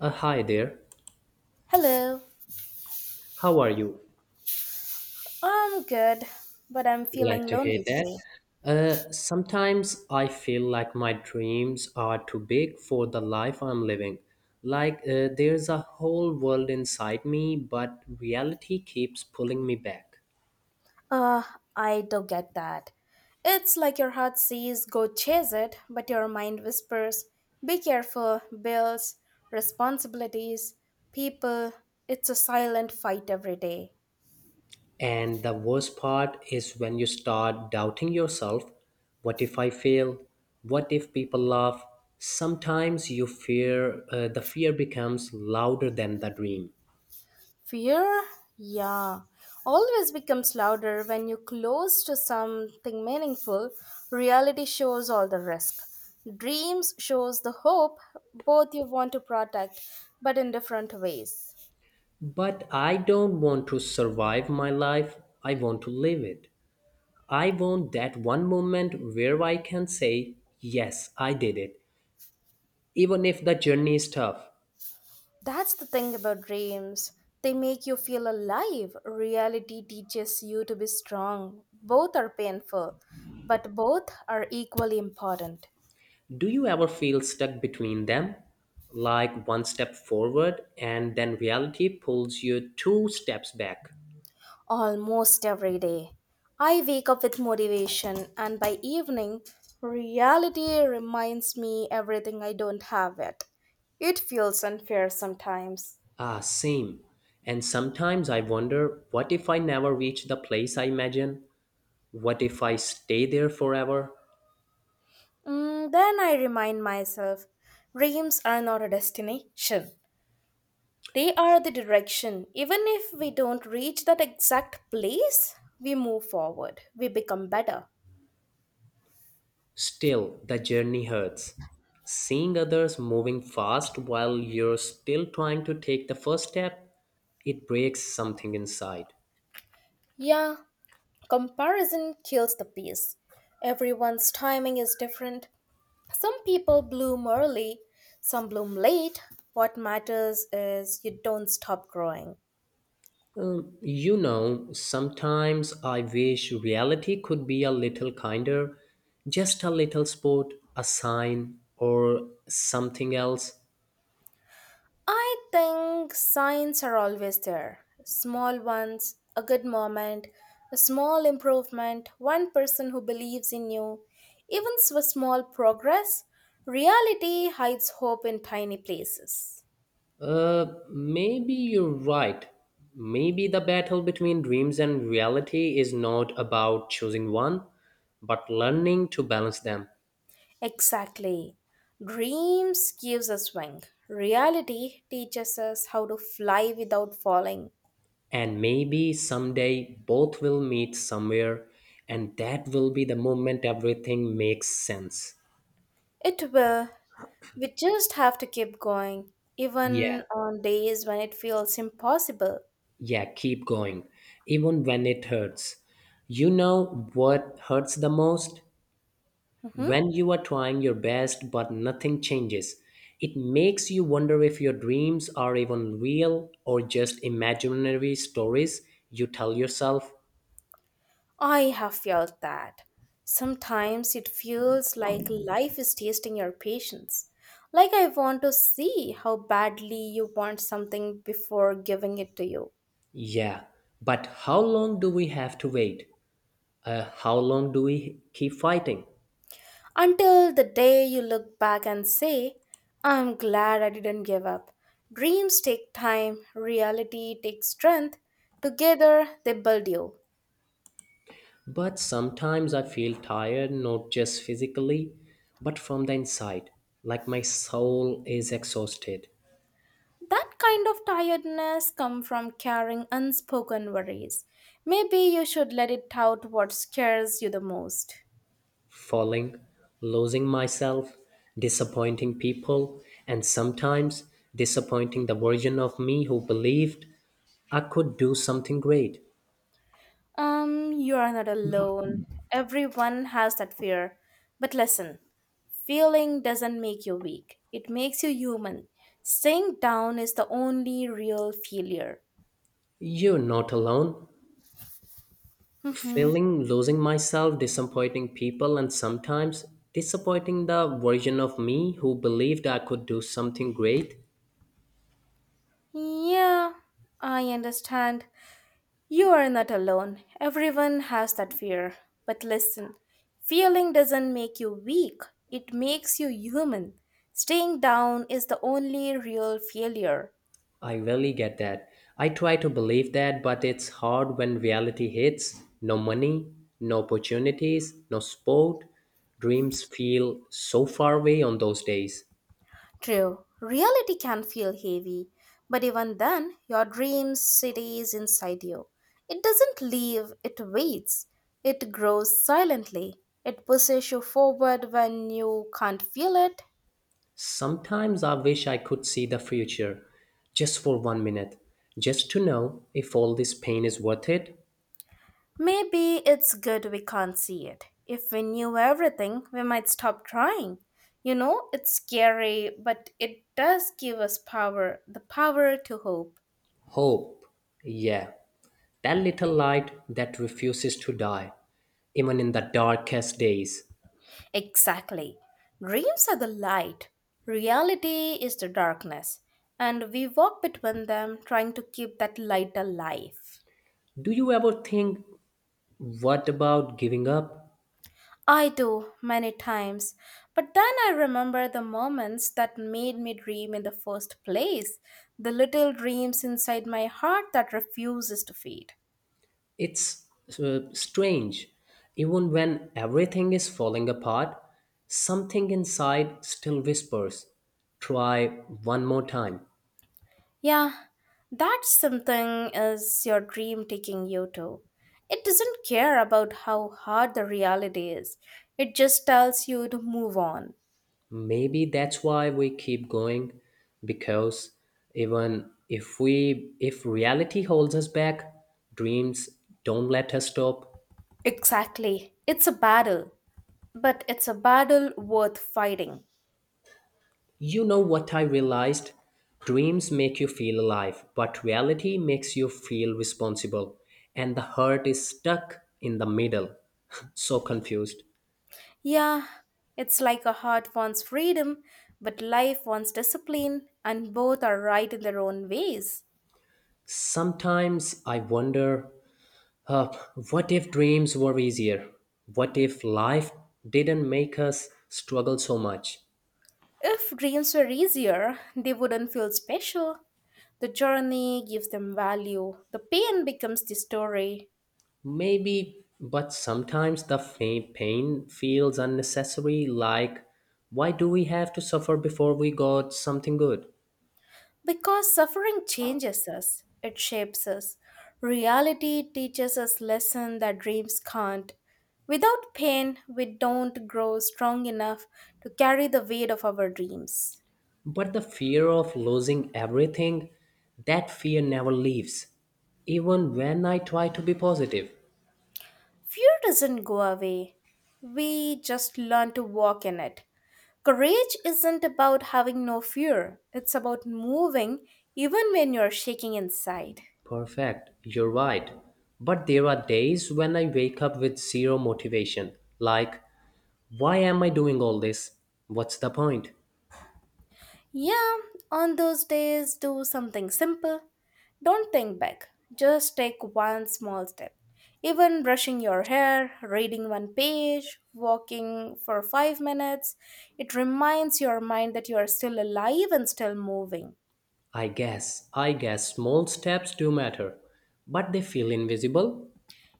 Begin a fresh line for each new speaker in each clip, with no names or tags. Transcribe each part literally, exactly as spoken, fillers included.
Uh, hi there.
Hello,
How are you?
I'm good, but I'm
Glad
feeling
to hear
lonely
that.
today.
Uh, sometimes I feel like my dreams are too big for the life I'm living. Like uh, there's a whole world inside me, but reality keeps pulling me back.
Uh, I do get that. It's like your heart says go chase it, but your mind whispers be careful, bills, responsibilities, people. It's a silent fight every day.
And the worst part is when you start doubting yourself, what if I fail? What if people laugh? Sometimes you fear, uh, the fear becomes louder than the dream.
Fear? Yeah. Always becomes louder when you close to something meaningful. Reality shows all the risk. Dreams shows the hope both you want to protect, but in different ways.
But I don't want to survive my life, I want to live it. I want that one moment where I can say, "Yes, I did it," even if the journey is tough.
That's the thing about dreams. They make you feel alive. Reality teaches you to be strong. Both are painful, but both are equally important.
Do you ever feel stuck between them? Like one step forward and then reality pulls you two steps back?
Almost every day. I wake up with motivation, and by evening, reality reminds me everything I don't have it. It feels unfair sometimes.
Ah, same. And sometimes I wonder, what if I never reach the place I imagine? What if I stay there forever?
Mm, then I remind myself dreams are not a destination, they are the direction. Even if we don't reach that exact place, we move forward, we become better.
Still, the journey hurts. Seeing others moving fast while you're still trying to take the first step, it breaks something inside.
Yeah, comparison kills the peace. Everyone's timing is different. Some people bloom early, some bloom late. What matters is you don't stop growing.
Um, you know, sometimes I wish reality could be a little kinder, just a little sport, a sign, or something else.
I think signs are always there small ones, a good moment, a small improvement, one person who believes in you, even s- a small progress. Reality hides hope in tiny places.
Uh, maybe you're right. Maybe the battle between dreams and reality is not about choosing one, but learning to balance them.
Exactly. Dreams gives us wing. Reality teaches us how to fly without falling.
And maybe someday both will meet somewhere, and that will be the moment everything makes sense.
It will. We just have to keep going,
Yeah,
even on days when it feels impossible.
yeah, keep going, even when it hurts. You know what hurts the most?
Mhm.
When you are trying your best but nothing changes, it makes you wonder if your dreams are even real or just imaginary stories you tell yourself.
I have felt that. Sometimes it feels like life is tasting your patience. Like I want to see how badly you want something before giving it to you.
Yeah, but how long do we have to wait? Uh, how long do we keep fighting?
Until the day you look back and say, I'm glad I didn't give up. Dreams take time, reality takes strength. Together, they build you.
But sometimes I feel tired, not just physically, but from the inside, like my soul is exhausted.
That kind of tiredness comes from carrying unspoken worries. Maybe you should let it out what scares you the most.
Falling, losing myself, disappointing people, and sometimes disappointing the version of me who believed I could do something great.
Um, you are not alone. Everyone has that fear. But listen, feeling doesn't make you weak, it makes you human. Staying down is the only real failure.
You're not alone.
Hmm.
Feeling losing myself, disappointing people, and sometimes disappointing the version of me who believed I could do something great.
Yeah, I understand. You are not alone. Everyone has that fear. But listen, feeling doesn't make you weak, it makes you human. Staying down is the only real failure.
I really get that. I try to believe that, but it's hard when reality hits. No money, no opportunities, no sport. Dreams feel so far away on those days.
True, reality can feel heavy, but even then, your dream stays inside you. It doesn't leave, it waits. It grows silently. It pushes you forward when you can't feel it.
Sometimes I wish I could see the future just for one minute, just to know if all this pain is worth it.
Maybe it's good we can't see it. If we knew everything, we might stop trying. You know, it's scary, but it does give us power the power to hope.
Hope, yeah, that little light that refuses to die, even in the darkest days.
Exactly. Dreams are the light, reality is the darkness, and we walk between them trying to keep that light alive.
Do you ever think, what about giving up?
I do many times, but then I remember the moments that made me dream in the first place, the little dreams inside my heart that refuses to fade.
It's uh, strange. Even when everything is falling apart, something inside still whispers, "Try one more time."
Yeah, that something is your dream taking you to. It doesn't care about how hard the reality is. It just tells you to move on.
Maybe that's why we keep going, because even if we if reality holds us back, dreams don't let us stop.
Exactly. It's a battle, but it's a battle worth fighting.
You know what I realized? Dreams make you feel alive, but reality makes you feel responsible. And the hurt is stuck in the middle. So confused.
Yeah, it's like a heart wants freedom, but life wants discipline, and both are right in their own ways.
Sometimes I wonder uh, what if dreams were easier? What if life didn't make us struggle so much?
If dreams were easier, they wouldn't feel special. The journey gives them value, the pain becomes the story.
Maybe, but sometimes the fa- pain feels unnecessary, like why do we have to suffer before we got something good?
Because suffering changes us, it shapes us. Reality teaches us lessons that dreams can't. Without pain, we don't grow strong enough to carry the weight of our dreams.
But the fear of losing everything, that fear never leaves, even when I try to be positive.
Fear doesn't go away. We just learn to walk in it. Courage isn't about having no fear, it's about moving even when you're shaking inside.
Perfect, you're right. But there are days when I wake up with zero motivation, like, why am I doing all this? What's the point?
Yeah, on those days, do something simple. Don't think big, just take one small step. Even brushing your hair, reading one page, walking for five minutes, it reminds your mind that you are still alive and still moving.
I guess, I guess small steps do matter, but they feel invisible.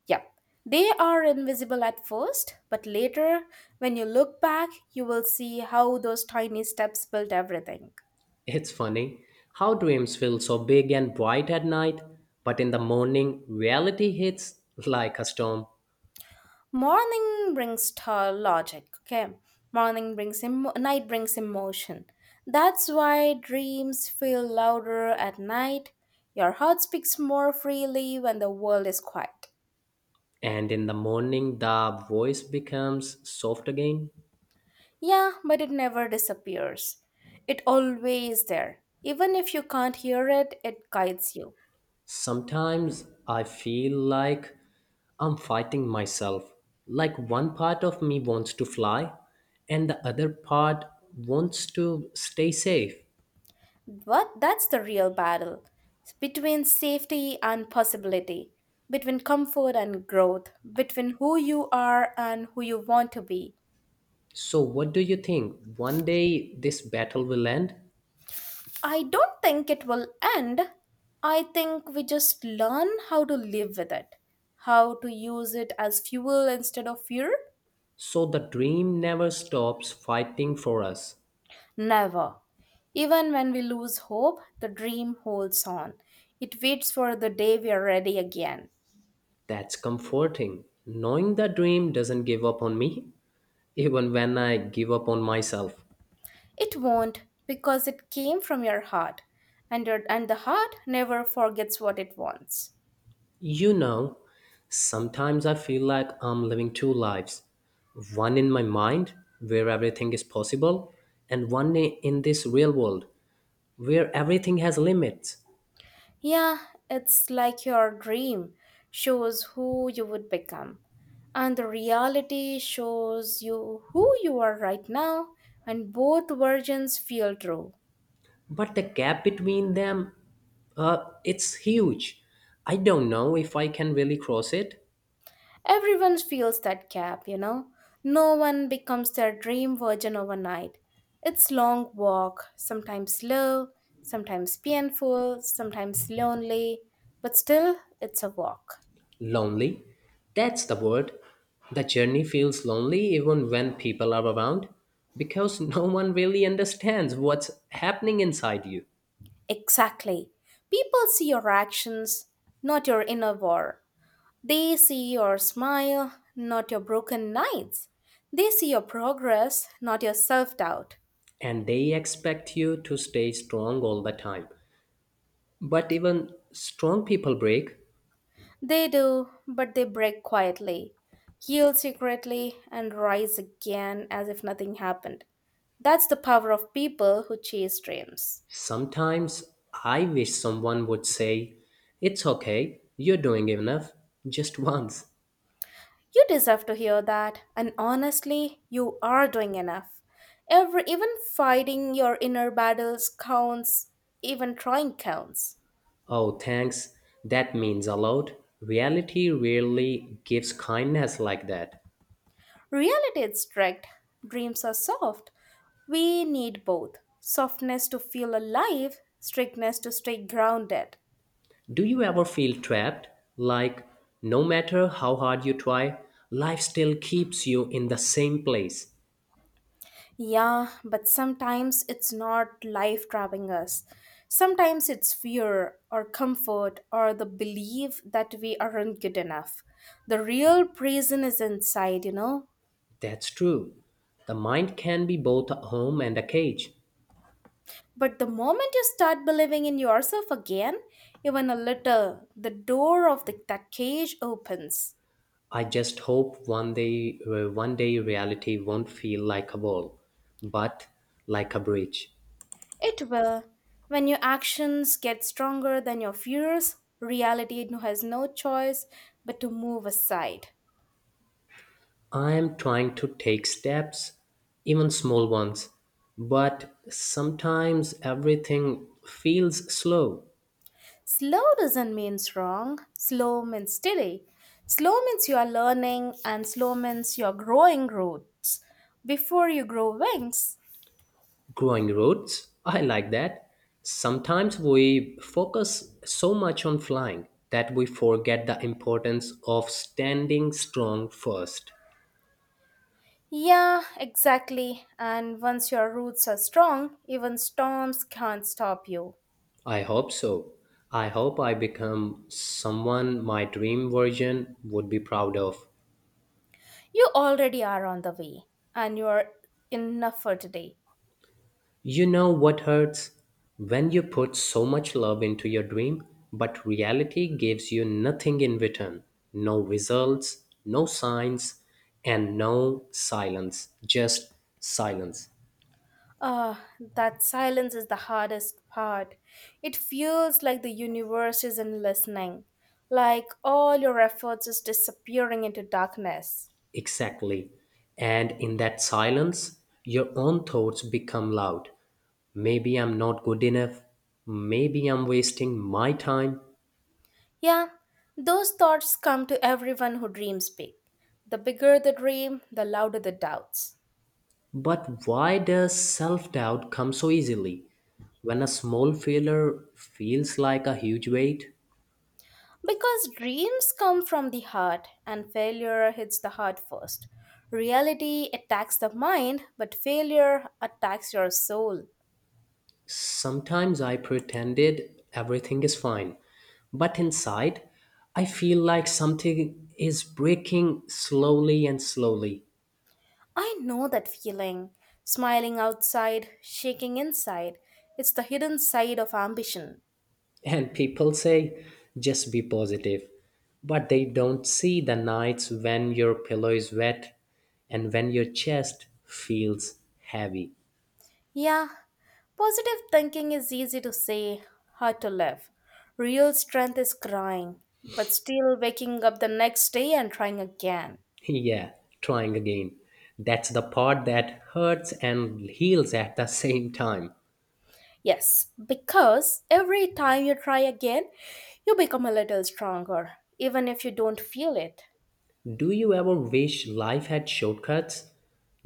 Yep. They are invisible at first, but later, when you look back, you will see how those tiny steps built everything.
It's funny how dreams feel so big and bright at night, but in the morning, reality hits like a storm.
Morning brings t- logic, okay? Morning brings em- night brings emotion. That's why dreams feel louder at night. Your heart speaks more freely when the world is quiet.
And in the morning, the voice becomes soft again.
Yeah, but it never disappears. It always there. Even if you can't hear it, it guides you.
Sometimes I feel like I'm fighting myself. Like one part of me wants to fly, and the other part wants to stay safe.
But that's the real battle between safety and possibility, between comfort and growth, between who you are and who you want to be.
So, what do you think? One day this battle will end?
I don't think it will end. I think we just learn how to live with it, how to use it as fuel instead of fear.
So, the dream never stops fighting for us.
Never. Even when we lose hope, the dream holds on. It waits for the day we are ready again.
That's comforting. Knowing the dream doesn't give up on me, even when I give up on myself.
It won't because it came from your heart and your, and the heart never forgets what it wants.
You know, sometimes I feel like I'm living two lives, one in my mind, where everything is possible, and one i- in this real world, where everything has limits.
Yeah, it's like your dream shows who you would become and the reality shows you who you are right now and both versions feel true.
But the gap between them, uh, it's huge. I don't know if I can really cross it.
Everyone feels that gap, you know. No one becomes their dream virgin overnight. It's long walk, sometimes slow, sometimes painful, sometimes lonely, but still it's a walk.
Lonely, that's the word. The journey feels lonely even when people are around, because no one really understands what's happening inside you.
Exactly. People see your actions, not your inner war. They see your smile, not your broken nights. They see your progress, not your self doubt.
And they expect you to stay strong all the time. But even strong people break.
They do, but they break quietly, heal secretly, and rise again as if nothing happened. That's the power of people who chase dreams.
Sometimes I wish someone would say, "It's okay, you're doing enough," just once.
You deserve to hear that, and honestly, you are doing enough. Every even fighting your inner battles counts, even trying counts.
Oh, thanks, that means a lot. Reality rarely gives kindness like that.
Reality is strict, dreams are soft. We need both softness to feel alive, strictness to stay grounded.
Do you ever feel trapped? Like, no matter how hard you try, life still keeps you in the same place.
Yeah, but sometimes it's not life trapping us. Sometimes it's fear or comfort or the belief that we aren't good enough. The real prison is inside, you know.
That's true. The mind can be both a home and a cage.
But the moment you start believing in yourself again, even a little, the door of the, that cage opens.
I just hope one day, uh, one day reality won't feel like a wall, but like a bridge.
It will. When your actions get stronger than your fears, reality has no choice but to move aside.
I am trying to take steps, even small ones, but sometimes everything feels slow.
Slow doesn't mean wrong. Slow means steady. Slow means you are learning, and slow means you are growing roots before you grow wings.
Growing roots, I like that. Sometimes we focus so much on flying that we forget the importance of standing strong first.
Yeah, exactly. And once your roots are strong, even storms can't stop you.
I hope so. I hope I become someone my dream version would be proud of.
You already are on the way, and you are enough for today.
You know what hurts? When you put so much love into your dream, but reality gives you nothing in return, no results, no signs, and no silence. Just silence.
Ah, that silence is the hardest part. It feels like the universe isn't listening, like all your efforts is disappearing into darkness.
Exactly. And in that silence, your own thoughts become loud. Maybe I'm not good enough. Maybe I'm wasting my time.
Yeah, those thoughts come to everyone who dreams big. The bigger the dream, the louder the doubts.
But why does self doubt come so easily? When a small failure feels like a huge weight,
Because dreams come from the heart, and failure hits the heart first. Reality attacks the mind, but failure attacks your soul.
sometimes I pretended everything is fine. But inside, I feel like something is breaking slowly and slowly.
I know that feeling. Smiling outside, shaking inside. It's the hidden side of ambition.
And people say, just be positive. But they don't see the nights when your pillow is wet and when your chest feels heavy.
Yeah, positive thinking is easy to say, hard to live. Real strength is crying, but still waking up the next day and trying again.
Yeah, trying again. That's the part that hurts and heals at the same time.
Yes, because every time you try again, you become a little stronger, even if you don't feel it.
Do you ever wish life had shortcuts?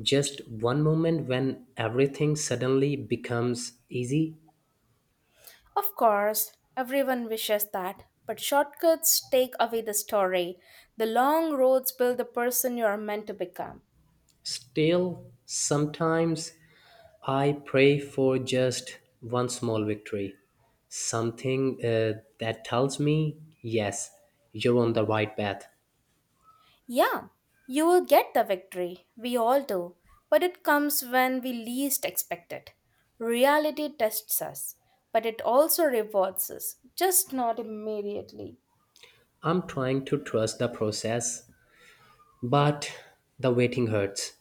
Just one moment when everything suddenly becomes easy?
Of course, everyone wishes that, but shortcuts take away the story. The long roads build the person you are meant to become.
Still, sometimes I pray for just one small victory. Something uh, that tells me, yes, you're on the right path.
Yeah, you will get the victory, we all do, but it comes when we least expect it. Reality tests us, but it also rewards us, just not immediately.
I'm trying to trust the process, but the waiting hurts.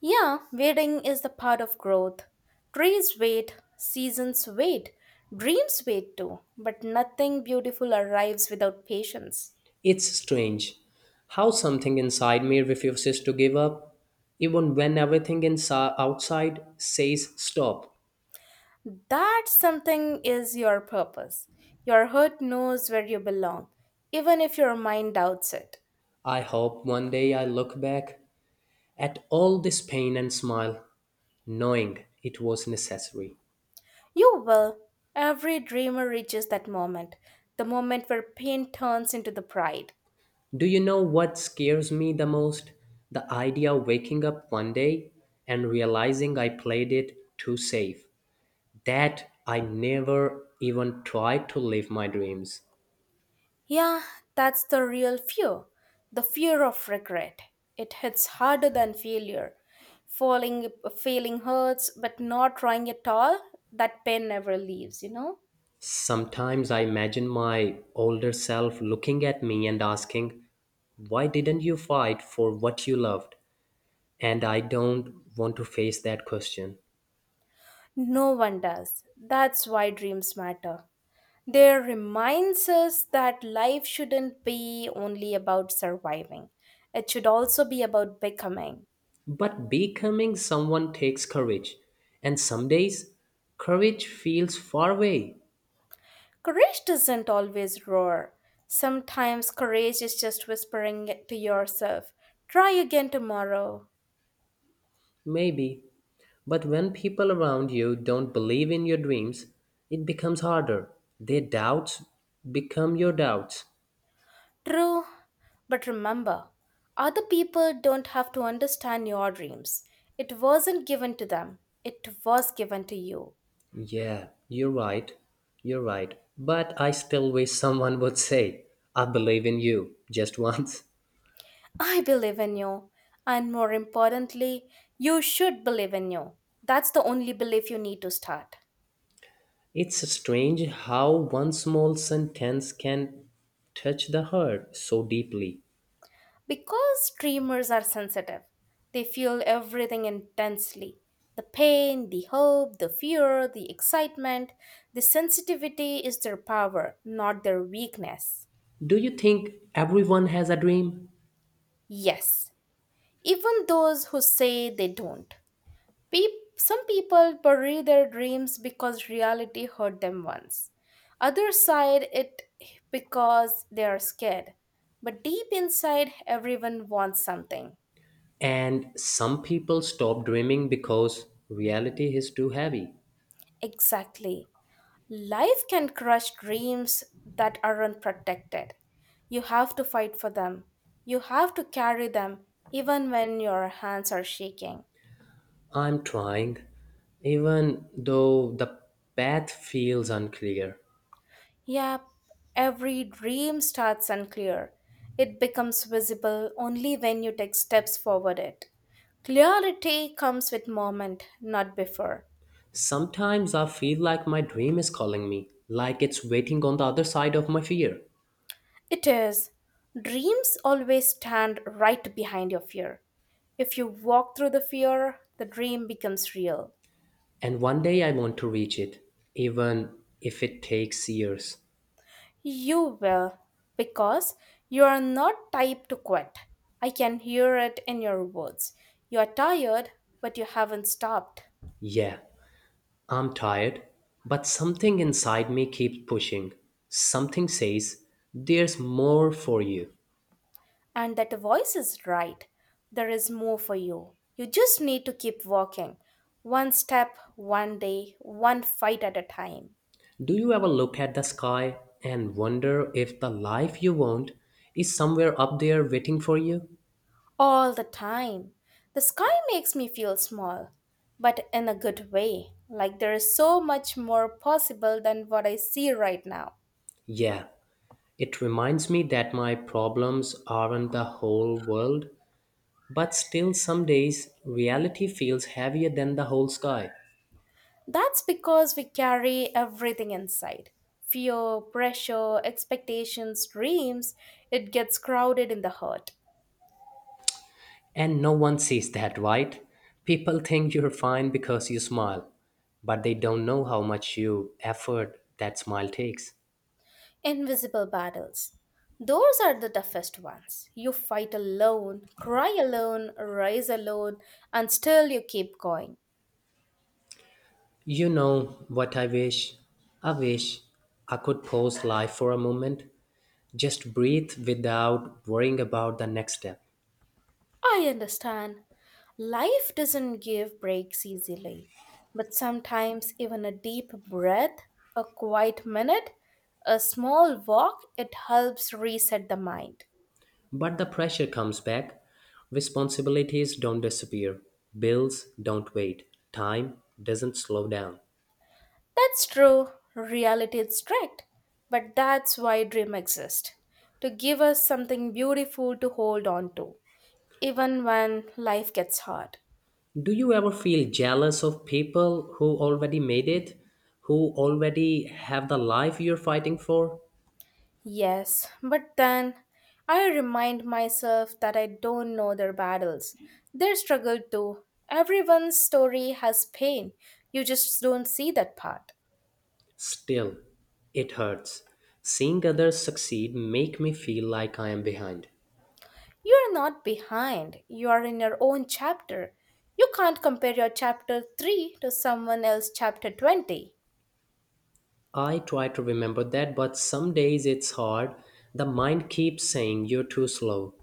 Yeah, waiting is the part of growth. Trees wait, seasons wait, dreams wait too, but nothing beautiful arrives without patience.
It's strange how something inside me refuses to give up, even when everything inside, outside says stop.
That something is your purpose. Your heart knows where you belong, even if your mind doubts it.
I hope one day I look back at all this pain and smile, knowing it was necessary.
You will. Every dreamer reaches that moment, the moment where pain turns into the pride.
Do you know what scares me the most? The idea of waking up one day and realizing I played it too safe, that I never even tried to live my dreams.
Yeah, that's the real fear the fear of regret. It hits harder than failure. Falling, failing hurts, but not trying at all, that pain never leaves, you know?
Sometimes I imagine my older self looking at me and asking, "Why didn't you fight for what you loved?" And I don't want to face that question.
No one does. That's why dreams matter. They reminds us that life shouldn't be only about surviving. It should also be about becoming.
But becoming someone takes courage. And some days, courage feels far away,
Courage doesn't always roar. Sometimes courage is just whispering it to yourself, try again tomorrow.
maybe. But when people around you don't believe in your dreams, it becomes harder. Their doubts become your doubts.
True, but remember, other people don't have to understand your dreams. It wasn't given to them, it was given to you.
Yeah, you're right. You're right. But I still wish someone would say, "I believe in you," just once.
I believe in you, and more importantly, you should believe in you. That's the only belief you need to start.
It's strange how one small sentence can touch the heart so deeply.
Because dreamers are sensitive, they feel everything intensely the pain, the hope, the fear, the excitement. The sensitivity is their power, not their weakness.
Do you think everyone has a dream?
Yes, even those who say they don't. Peop Some people bury their dreams because reality hurt them once. Others side it because they are scared. But deep inside, everyone wants something.
And some people stop dreaming because reality is too heavy.
Exactly. Life can crush dreams that aren't protected. You have to fight for them. You have to carry them even when your hands are shaking.
I'm trying, even though the path feels unclear.
Yep, every dream starts unclear. It becomes visible only when you take steps forward it. Clarity comes with moment, not before.
Sometimes I feel like my dream is calling me, like it's waiting on the other side of my fear.
It is. Dreams always stand right behind your fear. If you walk through the fear, the dream becomes real.
And one day I want to reach it, even if it takes years.
You will, because you are not type to quit. I can hear it in your words. You are tired, but you haven't stopped.
Yeah, I'm tired, but something inside me keeps pushing. Something says, there's more for you.
And that voice is right. There is more for you. You just need to keep walking. One step, one day, one fight at a time.
Do you ever look at the sky and wonder if the life you want is somewhere up there waiting for you?
All the time. The sky makes me feel small, but in a good way. Like there is so much more possible than what I see right now.
Yeah, it reminds me that my problems aren't the whole world. But still, some days reality feels heavier than the whole sky.
That's because we carry everything inside, fear, pressure, expectations, dreams. It gets crowded in the heart.
And no one sees that, right? People think you're fine because you smile, but they don't know how much you effort that smile takes.
Invisible battles. Those are the toughest ones. You fight alone, cry alone, rise alone, and still you keep going.
You know what I wish? I wish I could pause life for a moment, just breathe without worrying about the next step.
I understand. Life doesn't give breaks easily, but sometimes even a deep breath, a quiet minute, a small walk, it helps reset the mind.
But the pressure comes back. Responsibilities don't disappear, bills don't wait, time doesn't slow down.
That's true, reality is strict, but that's why dream exists, to give us something beautiful to hold on to, even when life gets hard.
Do you ever feel jealous of people who already made it, who already have the life you're fighting for?
Yes, but then I remind myself that I don't know their battles, their struggle too. Everyone's story has pain, you just don't see that part.
Still, it hurts. Seeing others succeed make me feel like I am behind.
You are not behind, you are in your own chapter. You can't compare your chapter three to someone else's chapter twenty.
I try to remember that, but some days it's hard. The mind keeps saying you're too slow.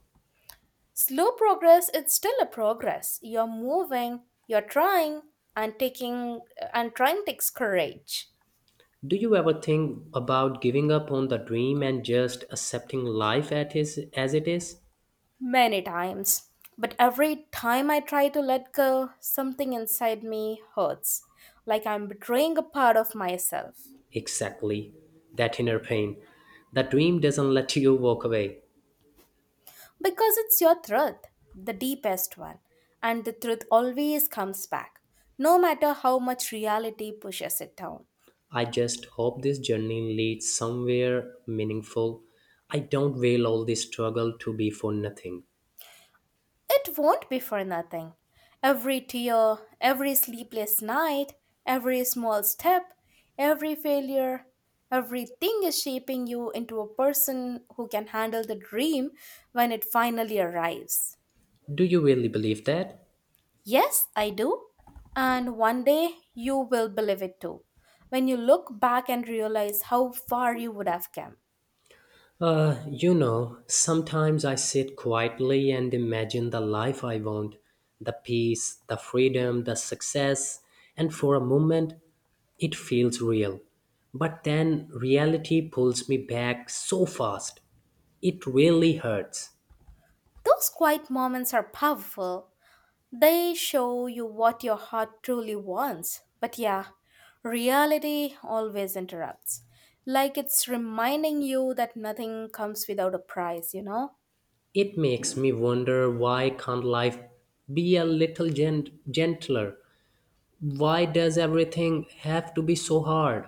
Slow progress is still a progress. You're moving, you're trying, and taking and trying takes courage
Do you ever think about giving up on the dream and just accepting life at is, as it is?
many times. But every time I try to let go, something inside me hurts, like I'm betraying a part of myself.
Exactly, that inner pain. The dream doesn't let you walk away.
Because it's your truth, the deepest one, and the truth always comes back, no matter how much reality pushes it down.
I just hope this journey leads somewhere meaningful. I don't will all this struggle to be for nothing.
It won't be for nothing. Every tear, every sleepless night, every small step, every failure, everything is shaping you into a person who can handle the dream when it finally arrives.
Do you really believe that?
Yes, I do. And one day you will believe it too. When you look back and realize how far you would have come.
Uh, you know, sometimes I sit quietly and imagine the life I want, the peace, the freedom, the success, and for a moment it feels real. But then reality pulls me back so fast. It really hurts.
Those quiet moments are powerful. They show you what your heart truly wants. But yeah, reality always interrupts. Like it's reminding you that nothing comes without a price, you know?
It makes me wonder, why can't life be a little gent- gentler? Why does everything have to be so hard?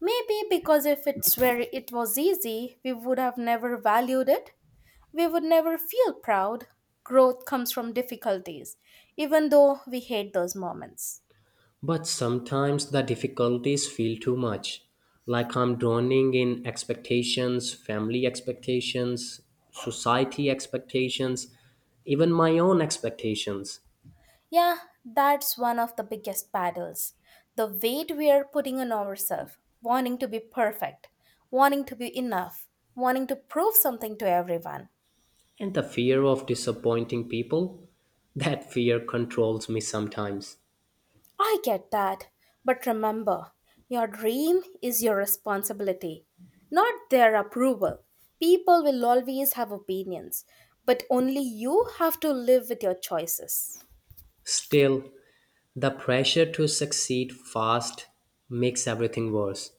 Maybe because if it's where it was easy, we would have never valued it. We would never feel proud. Growth comes from difficulties, even though we hate those moments.
But sometimes the difficulties feel too much, like I'm drowning in expectations, family expectations, society expectations, even my own expectations,
Yeah, that's one of the biggest battles. The weight we are putting on ourselves, wanting to be perfect, wanting to be enough, wanting to prove something to everyone.
and the fear of disappointing people. That fear controls me sometimes.
I get that, but remember, your dream is your responsibility, not their approval. People will always have opinions, but only you have to live with your choices.
Still, the pressure to succeed fast makes everything worse.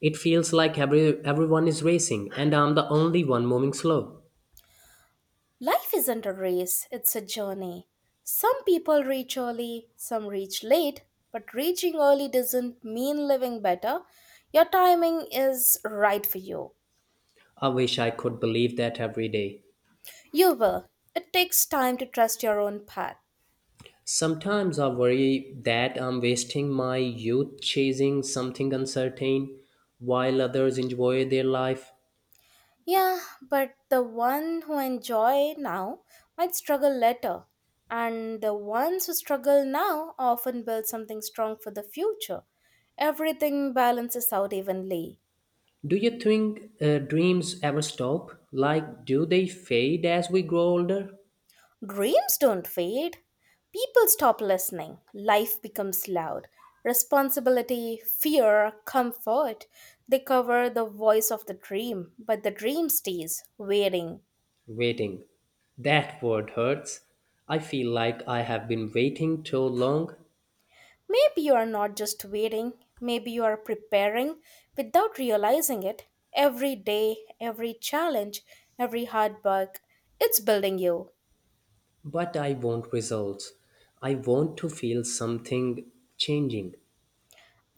It feels like every, everyone is racing and I'm the only one moving slow.
Life isn't a race, it's a journey. Some people reach early, some reach late, but reaching early doesn't mean living better. Your timing is right for you.
I wish I could believe that every day.
You will. It takes time to trust your own path.
Sometimes I worry that I'm wasting my youth chasing something uncertain while others enjoy their life.
Yeah, but the one who enjoy now might struggle later, and the ones who struggle now often build something strong for the future. Everything balances out evenly.
Do you think uh, dreams ever stop? Like, do they fade as we grow older?
Dreams don't fade. People stop listening. Life becomes loud. Responsibility, fear, comfort, they cover the voice of the dream, but the dream stays waiting.
Waiting. That word hurts. I feel like I have been waiting too long,
Maybe you are not just waiting, maybe you are preparing without realizing it. Every day, every challenge, every hard work, it's building you.
but I want results. I want to feel something changing.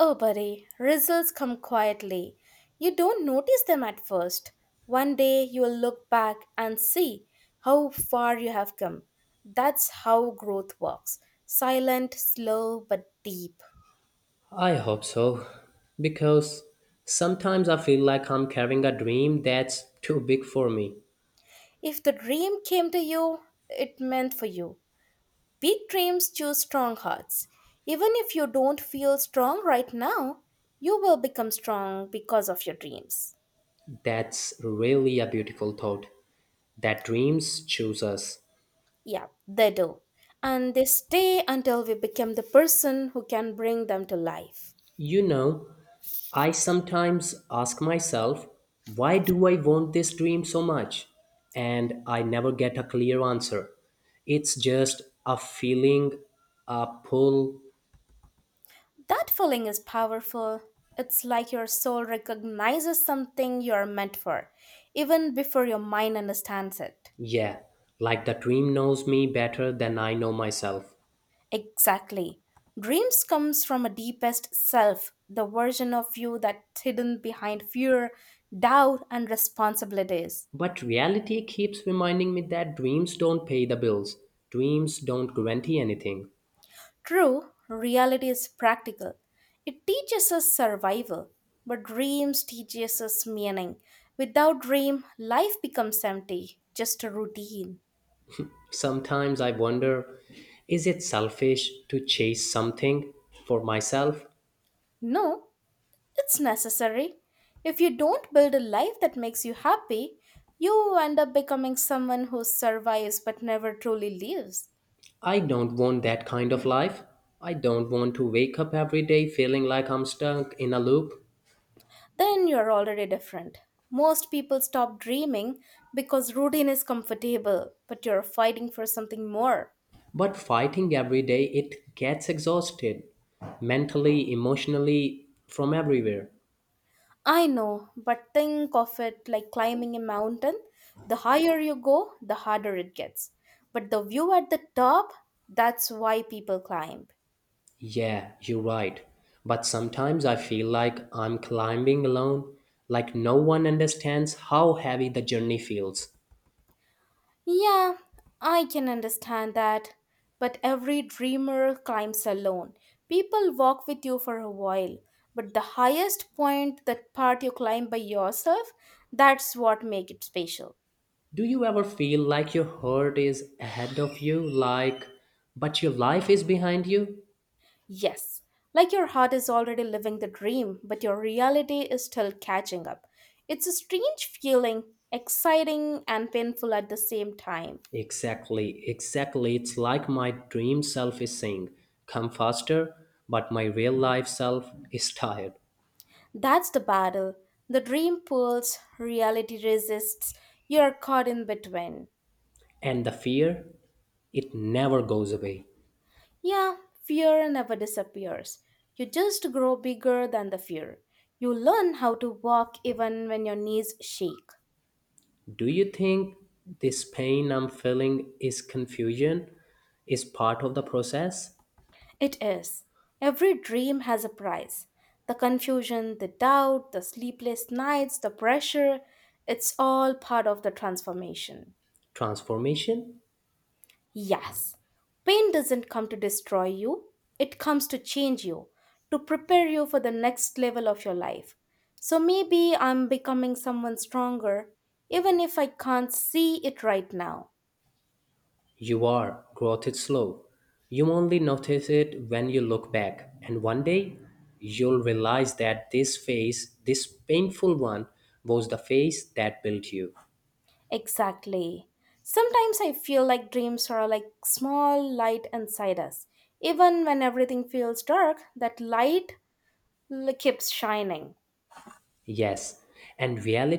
Oh, buddy, results come quietly. You don't notice them at first. One day you'll look back and see how far you have come. That's how growth works, silent, slow, but deep.
I hope so, because sometimes I feel like I'm carrying a dream that's too big for me.
If the dream came to you, it meant for you. Big dreams choose strong hearts. Even if you don't feel strong right now, you will become strong because of your dreams.
That's really a beautiful thought that dreams choose us.
Yeah, they do. And they stay until we become the person who can bring them to life.
You know, I sometimes ask myself, why do I want this dream so much? And I never get a clear answer. It's just a feeling, a pull,
That feeling is powerful. It's like your soul recognizes something you're meant for, even before your mind understands it.
yeah, like the dream knows me better than I know myself.
Exactly. Dreams comes from a deepest self, the version of you that's hidden behind fear, doubt, and responsibilities.
But reality keeps reminding me that dreams don't pay the bills, dreams don't guarantee anything.
True, reality is practical. It teaches us survival, but dreams teaches us meaning. Without dream, life becomes empty, just a routine.
Sometimes I wonder, is it selfish to chase something for myself?
No, it's necessary. If you don't build a life that makes you happy, you end up becoming someone who survives but never truly lives.
I don't want that kind of life. I don't want to wake up every day feeling like I'm stuck in a loop.
Then you're already different. Most people stop dreaming because routine is comfortable, but you're fighting for something more.
But fighting every day, it gets exhausted mentally, emotionally, from everywhere.
I know, but think of it like climbing a mountain. The higher you go, the harder it gets. But the view at the top, that's why people climb.
Yeah, you're right. But sometimes I feel like I'm climbing alone, like no one understands how heavy the journey feels.
Yeah, I can understand that. But every dreamer climbs alone. People walk with you for a while. But the highest point, that part you climb by yourself, that's what makes it special.
Do you ever feel like your heart is ahead of you, like, but your life is behind you?
Yes, like your heart is already living the dream, but your reality is still catching up. It's a strange feeling, exciting and painful at the same time.
Exactly, exactly. It's like my dream self is saying, come faster, but my real life self is tired.
That's the battle. The dream pulls, reality resists, you're caught in between.
And the fear, it never goes away.
Yeah, fear never disappears. You just grow bigger than the fear. You learn how to walk even when your knees shake.
Do you think this pain I'm feeling is confusion, is part of the process,
It is. Every dream has a price. The confusion, the doubt, the sleepless nights, the pressure, it's all part of the transformation.
transformation?
Yes, pain doesn't come to destroy you, it comes to change you, to prepare you for the next level of your life. So maybe I'm becoming someone stronger, even if I can't see it right now.
You are. Growth is slow. You only notice it when you look back. And one day, you'll realize that this phase, this painful one, was the phase that built you.
Exactly. Sometimes I feel like dreams are like small light inside us. Even when everything feels dark, that light l- keeps shining.
Yes. And reality.